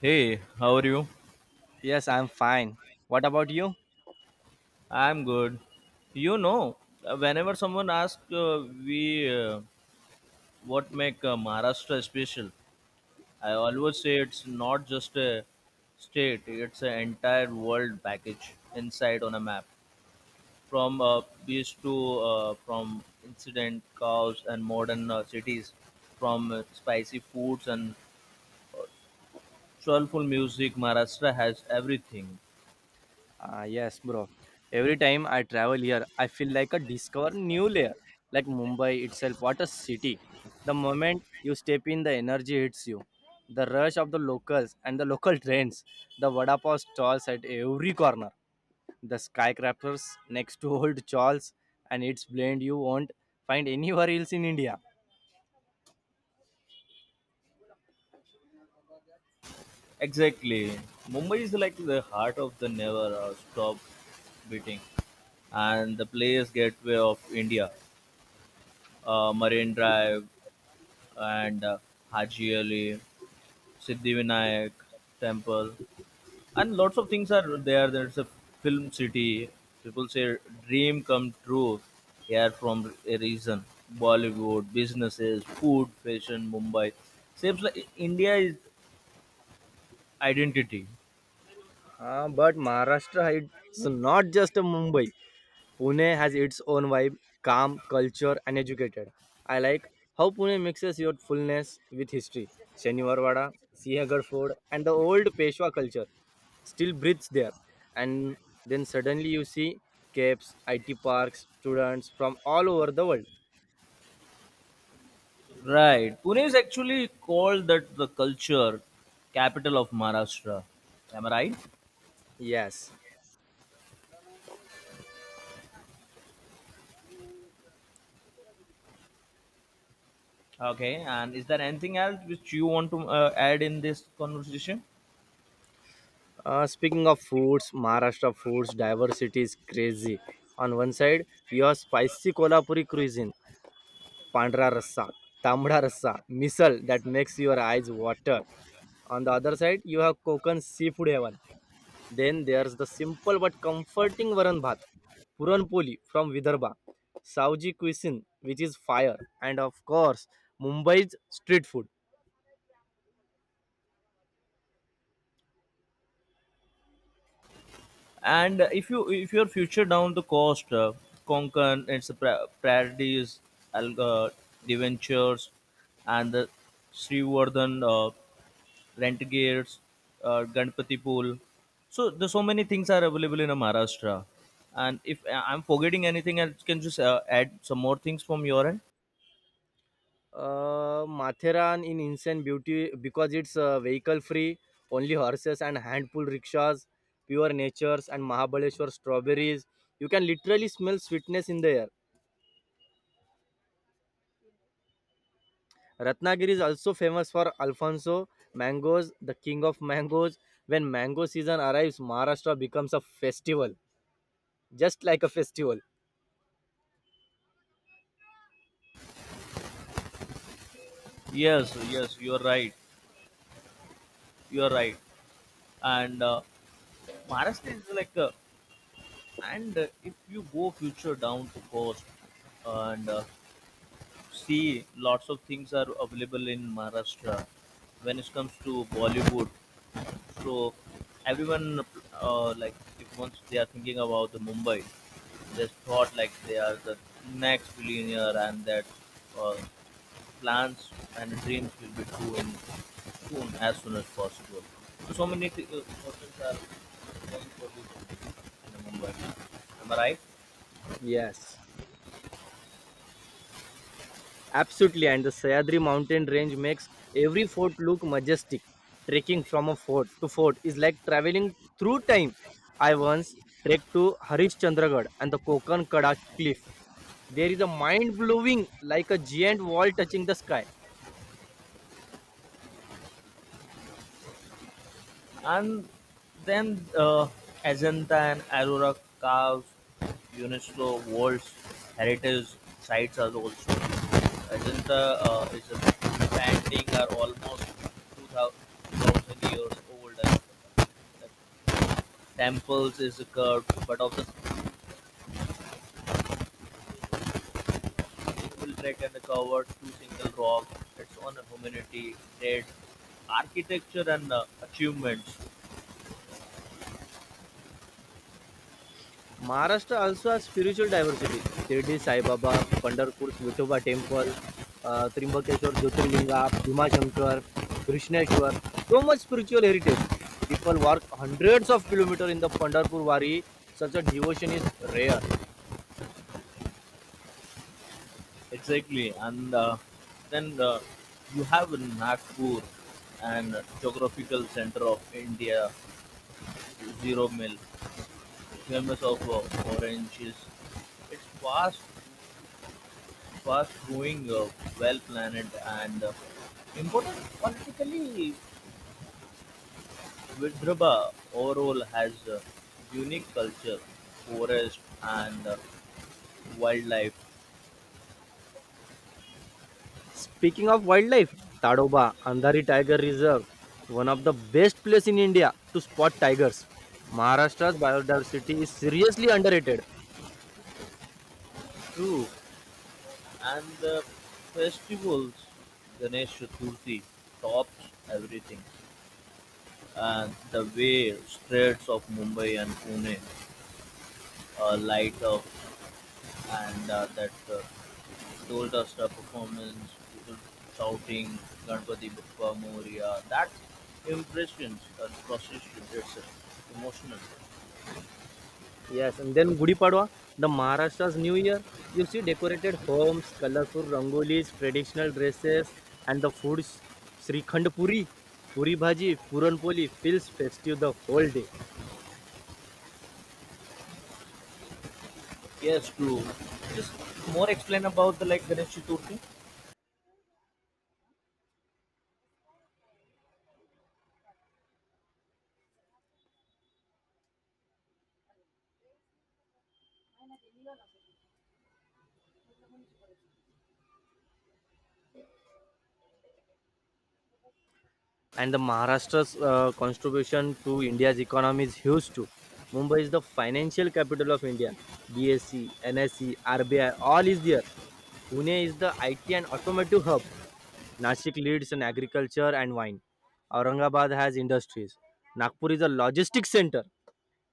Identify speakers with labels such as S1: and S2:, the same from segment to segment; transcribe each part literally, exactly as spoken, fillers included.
S1: Hey, how are you?
S2: Yes, I'm fine. What about you?
S1: I'm good. You know, whenever someone asks uh, we uh, what make uh, Maharashtra special, I always say it's not just a state; it's an entire world package inside on a map. From uh, beach to uh, from incident cows and modern uh, cities, from uh, spicy foods and soulful music, Maharashtra has everything.
S2: Ah, yes, bro. Every time I travel here, I feel like I discover new layer. Like Mumbai itself, what a city. The moment you step in, the energy hits you. The rush of the locals and the local trains, the vada pav stalls at every corner, the skyscrapers next to old Charles, and its blend you won't find anywhere else in India.
S1: Exactly. Mumbai is like the heart of the never uh, stop beating and the place gateway of India. Uh, Marine Drive and uh, Haji Ali, Siddhivinayak Temple, and lots of things are there. There's a film city. People say dream come true here from a reason. Bollywood, businesses, food, fashion, Mumbai. Seems like India is identity.
S2: Ah, but Maharashtra is not just a Mumbai. Pune has its own vibe, calm, culture, and educated. I like how Pune mixes your fullness with history. Shaniwarwada, Sihagarh Fort, and the old Peshwa culture still breathes there. And then suddenly you see caves, I T parks, students from all over the world.
S1: Right. Pune is actually called that the culture capital of Maharashtra. Am I right?
S2: Yes.
S1: Okay. And is there anything else which you want to uh, add in this conversation?
S2: Uh, speaking of foods, Maharashtra foods diversity is crazy. On one side, you have spicy Kolhapuri cuisine पांढरा rassa tambda rassa misal that makes your eyes water. On the other side, you have you Seafood Konkan. Then there's the simple but comforting Varan Bhat. Comforting varan bhat puranpoli from Vidarbha Saoji cuisine which is fire and of course Mumbai's street food
S1: And if you if your future down the coast, uh, konkan its pra- prairies, alga, deventures, and the srivardhan, uh, rent gears, uh, ganpati pool, so there's so many things are available in uh, maharashtra. And if I- I'm forgetting anything, I can just uh, add some more things from your end.
S2: in Insane Beauty, because it's it's vehicle free only horses and hand pull rickshaws. Pure natures and Mahabaleshwar strawberries. You can literally smell sweetness in the air. Ratnagiri is also famous for Alfonso mangoes, the king of mangoes. When mango season arrives, Maharashtra becomes a festival, just like a festival.
S1: Yes, yes, you are right, you are right. And uh, maharashtra is like uh, and uh, if you go future down to coast, and uh, see lots of things are available in Maharashtra when it comes to Bollywood. So everyone, uh, like if once they are thinking about the Mumbai, they thought like they are the next billionaire, and that, uh, plans and dreams will be true in soon as soon as possible. So, so many th- uh, persons are going for this in Mumbai. Am I right?
S2: Yes, absolutely. And the Sayadri mountain range makes every fort look majestic. Trekking from a fort to fort is like traveling through time. I once trekked to Harishchandragarh and the Kokan Kada cliff. There is a mind blowing, like a giant wall touching the sky.
S1: And then uh, Ajanta and Aurora carves, UNESCO World Heritage Sites, are also. Ajanta uh, is a painting are almost two thousand years old. And the temples is curved, but of the single track and covered two single rock. It's on humanity, trade, architecture, and uh, achievements.
S2: Maharashtra also has spiritual diversity. Shirdi Sai Baba, Pandharpur's Vitoba Temple, uh, Trimbakeshwar Jyotirlinga, Bhimashankar, Krishneshwar. So much spiritual heritage. People walk hundreds of kilometers in the Pandharpur Wari. Such a devotion is rare.
S1: Exactly, and uh, then uh, you have Nagpur and geographical center of India, zero mill, famous of uh, oranges. It's fast, fast growing, uh, well planned, and uh, important politically. Vidarbha overall has uh, unique culture, forest, and uh, wildlife
S2: Speaking of wildlife, Tadoba, Andhari Tiger Reserve, one of the best place in India to spot tigers. Maharashtra's biodiversity is seriously underrated.
S1: too. And the festivals, Ganesh Chaturthi tops everything. And the way streets of Mumbai and Pune uh, light up, and uh, that uh, Doldasta performance, people shouting Ganpati Bappa Moria, that impressions and procession itself, emotional.
S2: Yes, and then Gudi Padwa, the Maharashtra's New Year. You see decorated homes, colorful rangolis, traditional dresses, and the foods. Srikhand Puri, Puri Bhaji, Puran Poli feels festive the whole day.
S1: Yes, true. Just more explain about the like Ganesh Chaturthi.
S2: And the Maharashtra's uh, contribution to India's economy is huge too. Mumbai is the financial capital of India. B S E, N S E, RBI, all is there. Pune is the I T and automotive hub. Nashik leads in agriculture and wine. Aurangabad has industries. Nagpur is a logistics center,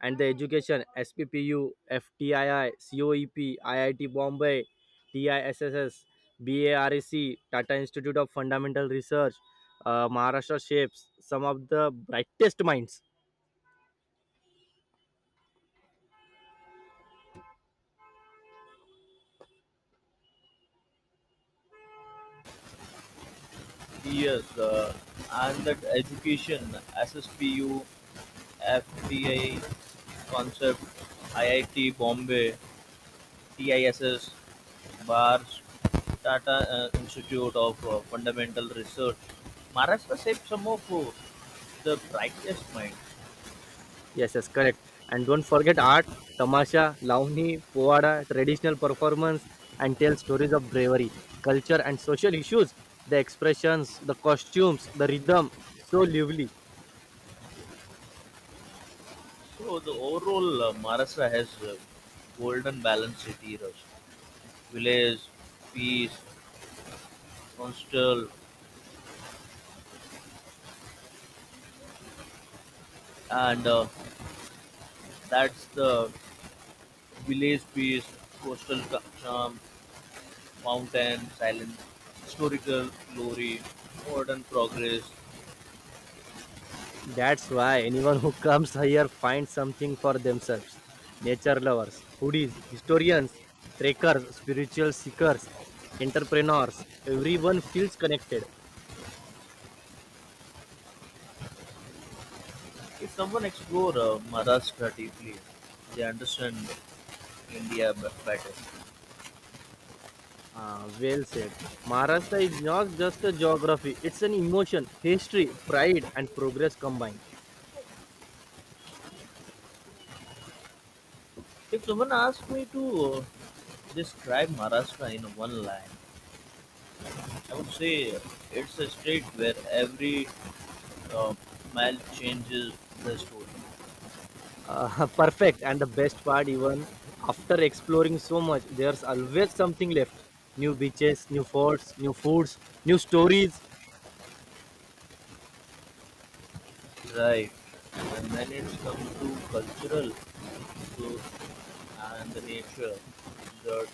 S2: and the education SPPU, FTII, COEP, IIT Bombay, TISSS, BAREC, Tata Institute of Fundamental Research, uh, Maharashtra Shapes, some of the brightest minds.
S1: Yes, uh, and that education, S S P U, concept, I I T Bombay, T I S S, bars, Tata uh, Institute of uh, Fundamental Research, Maharashtra saved some of uh, the brightest minds.
S2: Yes, yes, correct. And don't forget art, tamasha, launi, povada, traditional performance, and tell stories of bravery, culture, and social issues. The expressions, the costumes, the rhythm, so lively.
S1: So the overall uh, Maharashtra has uh, golden balance city rush, village, peace, coastal, and uh, that's the village peace, coastal ca- charm, mountain silence, historical glory, modern progress.
S2: That's why anyone who comes here finds something for themselves. Nature lovers, foodies, historians, trekkers, spiritual seekers, entrepreneurs, everyone feels connected.
S1: If someone explore uh, Maharashtra deeply, they understand India b- better.
S2: Ah, well said. Maharashtra is not just a geography, it's an emotion, history, pride, and progress combined.
S1: If someone asked me to describe Maharashtra in one line, I would say it's a state where every uh, mile changes the story,
S2: Ah, perfect. And the best part, even after exploring so much, there's always something left. New beaches, new forts, new foods, new stories.
S1: right? And when it comes to cultural so, and the nature, the,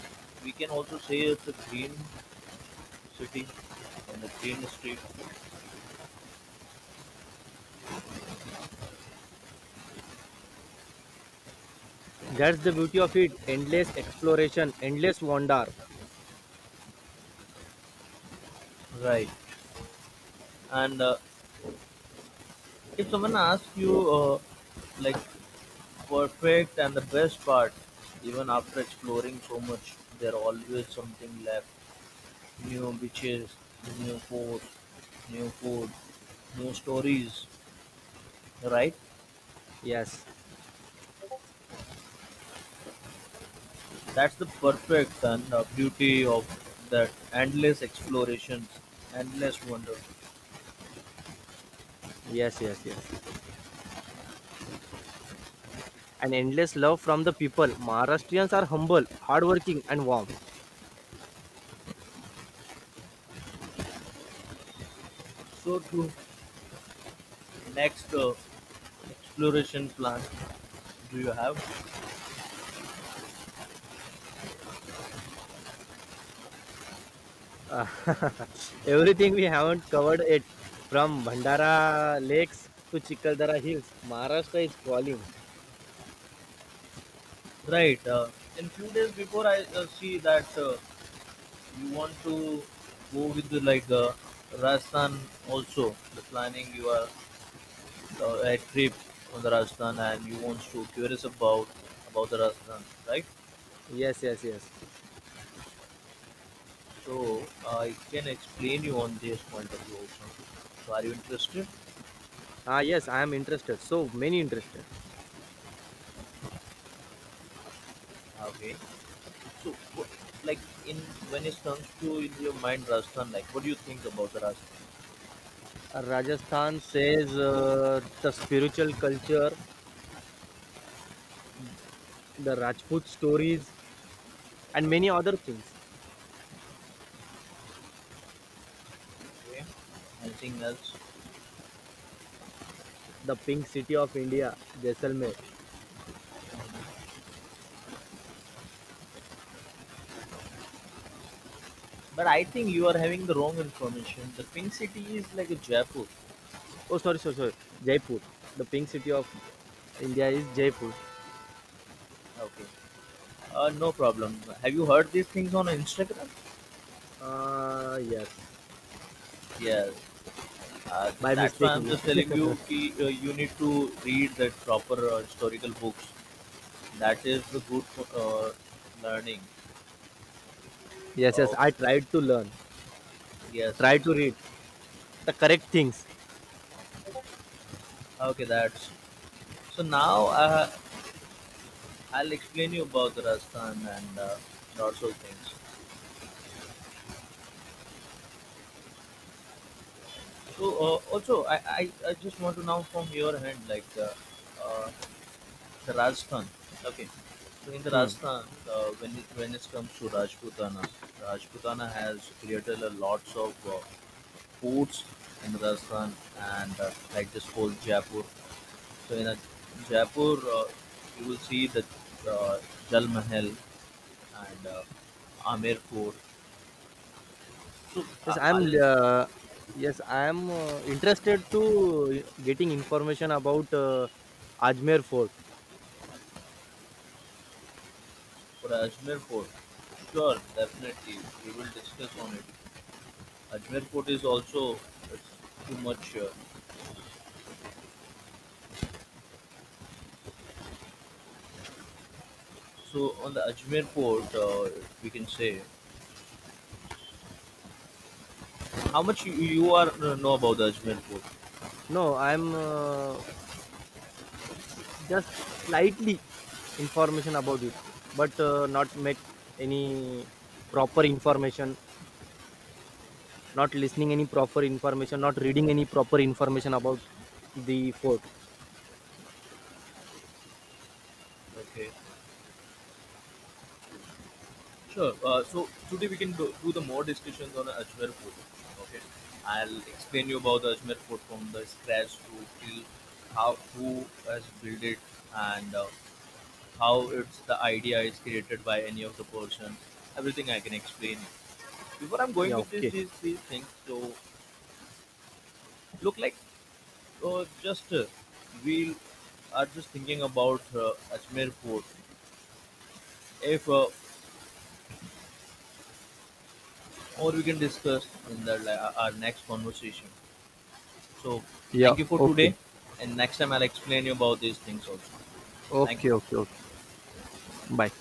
S1: we can also say it's a green city and a green state,
S2: That's the beauty of it. Endless exploration, endless wonder.
S1: right? And uh, if someone asks you, uh, like, perfect and the best part, even after exploring so much, there always something left, new beaches, new forts, new food, new stories, right?
S2: Yes,
S1: That's the perfect and uh, beauty of that, endless explorations, endless wonder.
S2: yes, yes, yes. And endless love from the people. Maharashtrians are humble, hardworking, and warm.
S1: So to next uh, exploration plan do you have?
S2: Uh, everything we haven't covered it, from Bandara lakes to Chikaldara hills. Maharashtra is calling.
S1: Right, uh, in few days before I uh, see that uh, you want to go with the, like, uh, Rajasthan, also the planning you are, uh, a trip on the Rajasthan, and you want to curious about about the Rajasthan, right?
S2: Yes, yes, yes.
S1: So I can explain you on this point of view also. So are you interested?
S2: Ah, yes, I am interested. So many interested.
S1: Okay, so what, like in, when it comes to in your mind Rajasthan, like what do you think about the Rajasthan?
S2: Uh, Rajasthan says uh, the spiritual culture, the Rajput stories, and many other things.
S1: Okay, anything else?
S2: The pink city of India, Jaisalmer.
S1: But I think you are having the wrong information, the pink city is like a Jaipur.
S2: Oh, sorry, sorry, sorry, Jaipur. The pink city of India is Jaipur.
S1: Okay. Uh, no problem. Have you heard these things on Instagram?
S2: Uh, yes,
S1: Yes. Uh,
S2: by
S1: that's why I'm
S2: mistakenly.
S1: just telling you ki, uh, you need to read the proper uh, historical books. That is the good uh, learning.
S2: Yes, yes,
S1: Oh,
S2: I tried to learn,
S1: yes,
S2: tried
S1: yes,
S2: to read
S1: yes.
S2: the correct things.
S1: Okay, that's. So now, uh, I'll explain you about the Rajasthan and uh, lots of things. So uh, also, I, I, I just want to know from your hand, like, uh, uh, the Rajasthan. Okay. So in the
S2: Hmm.
S1: Rajasthan, uh, when it when it comes to Rajputana, Rajputana has created a lots of uh, forts in Rajasthan, and uh, like this whole Jaipur. So in a Jaipur, uh, you will see the, uh, Jal Mahal, and uh, Amer Fort. So
S2: Yes,
S1: uh,
S2: I'm.
S1: Al
S2: Uh, yes, I'm uh, interested to getting information about uh, Ajmer Fort.
S1: for Ajmer Fort, sure, definitely we will discuss on it. Ajmer Fort is also, it's too much, uh, so on the Ajmer port, uh, we can say how much you, you are uh, know about the Ajmer port.
S2: No, I'm uh, just slightly information about it, but uh, not make any proper information, not listening any proper information, not reading any proper information about the fort.
S1: Okay, sure. Uh, so today we can do, do the more discussions on the Ajmer port. Okay, I'll explain you about the Ajmer port from the scratch to till how who has built it, and uh, how it's the idea is created by any of the person. Everything I can explain. Before I'm going
S2: Yeah,
S1: with this
S2: okay.
S1: these these things, so look like. So just uh, we are just thinking about uh, Ajmer Fort. If uh, more we can discuss in the li- our our next conversation. So
S2: Yeah.
S1: thank you for
S2: Okay,
S1: today, and next time I'll explain you about these things also. Thank
S2: okay,
S1: you.
S2: okay. Okay, bye.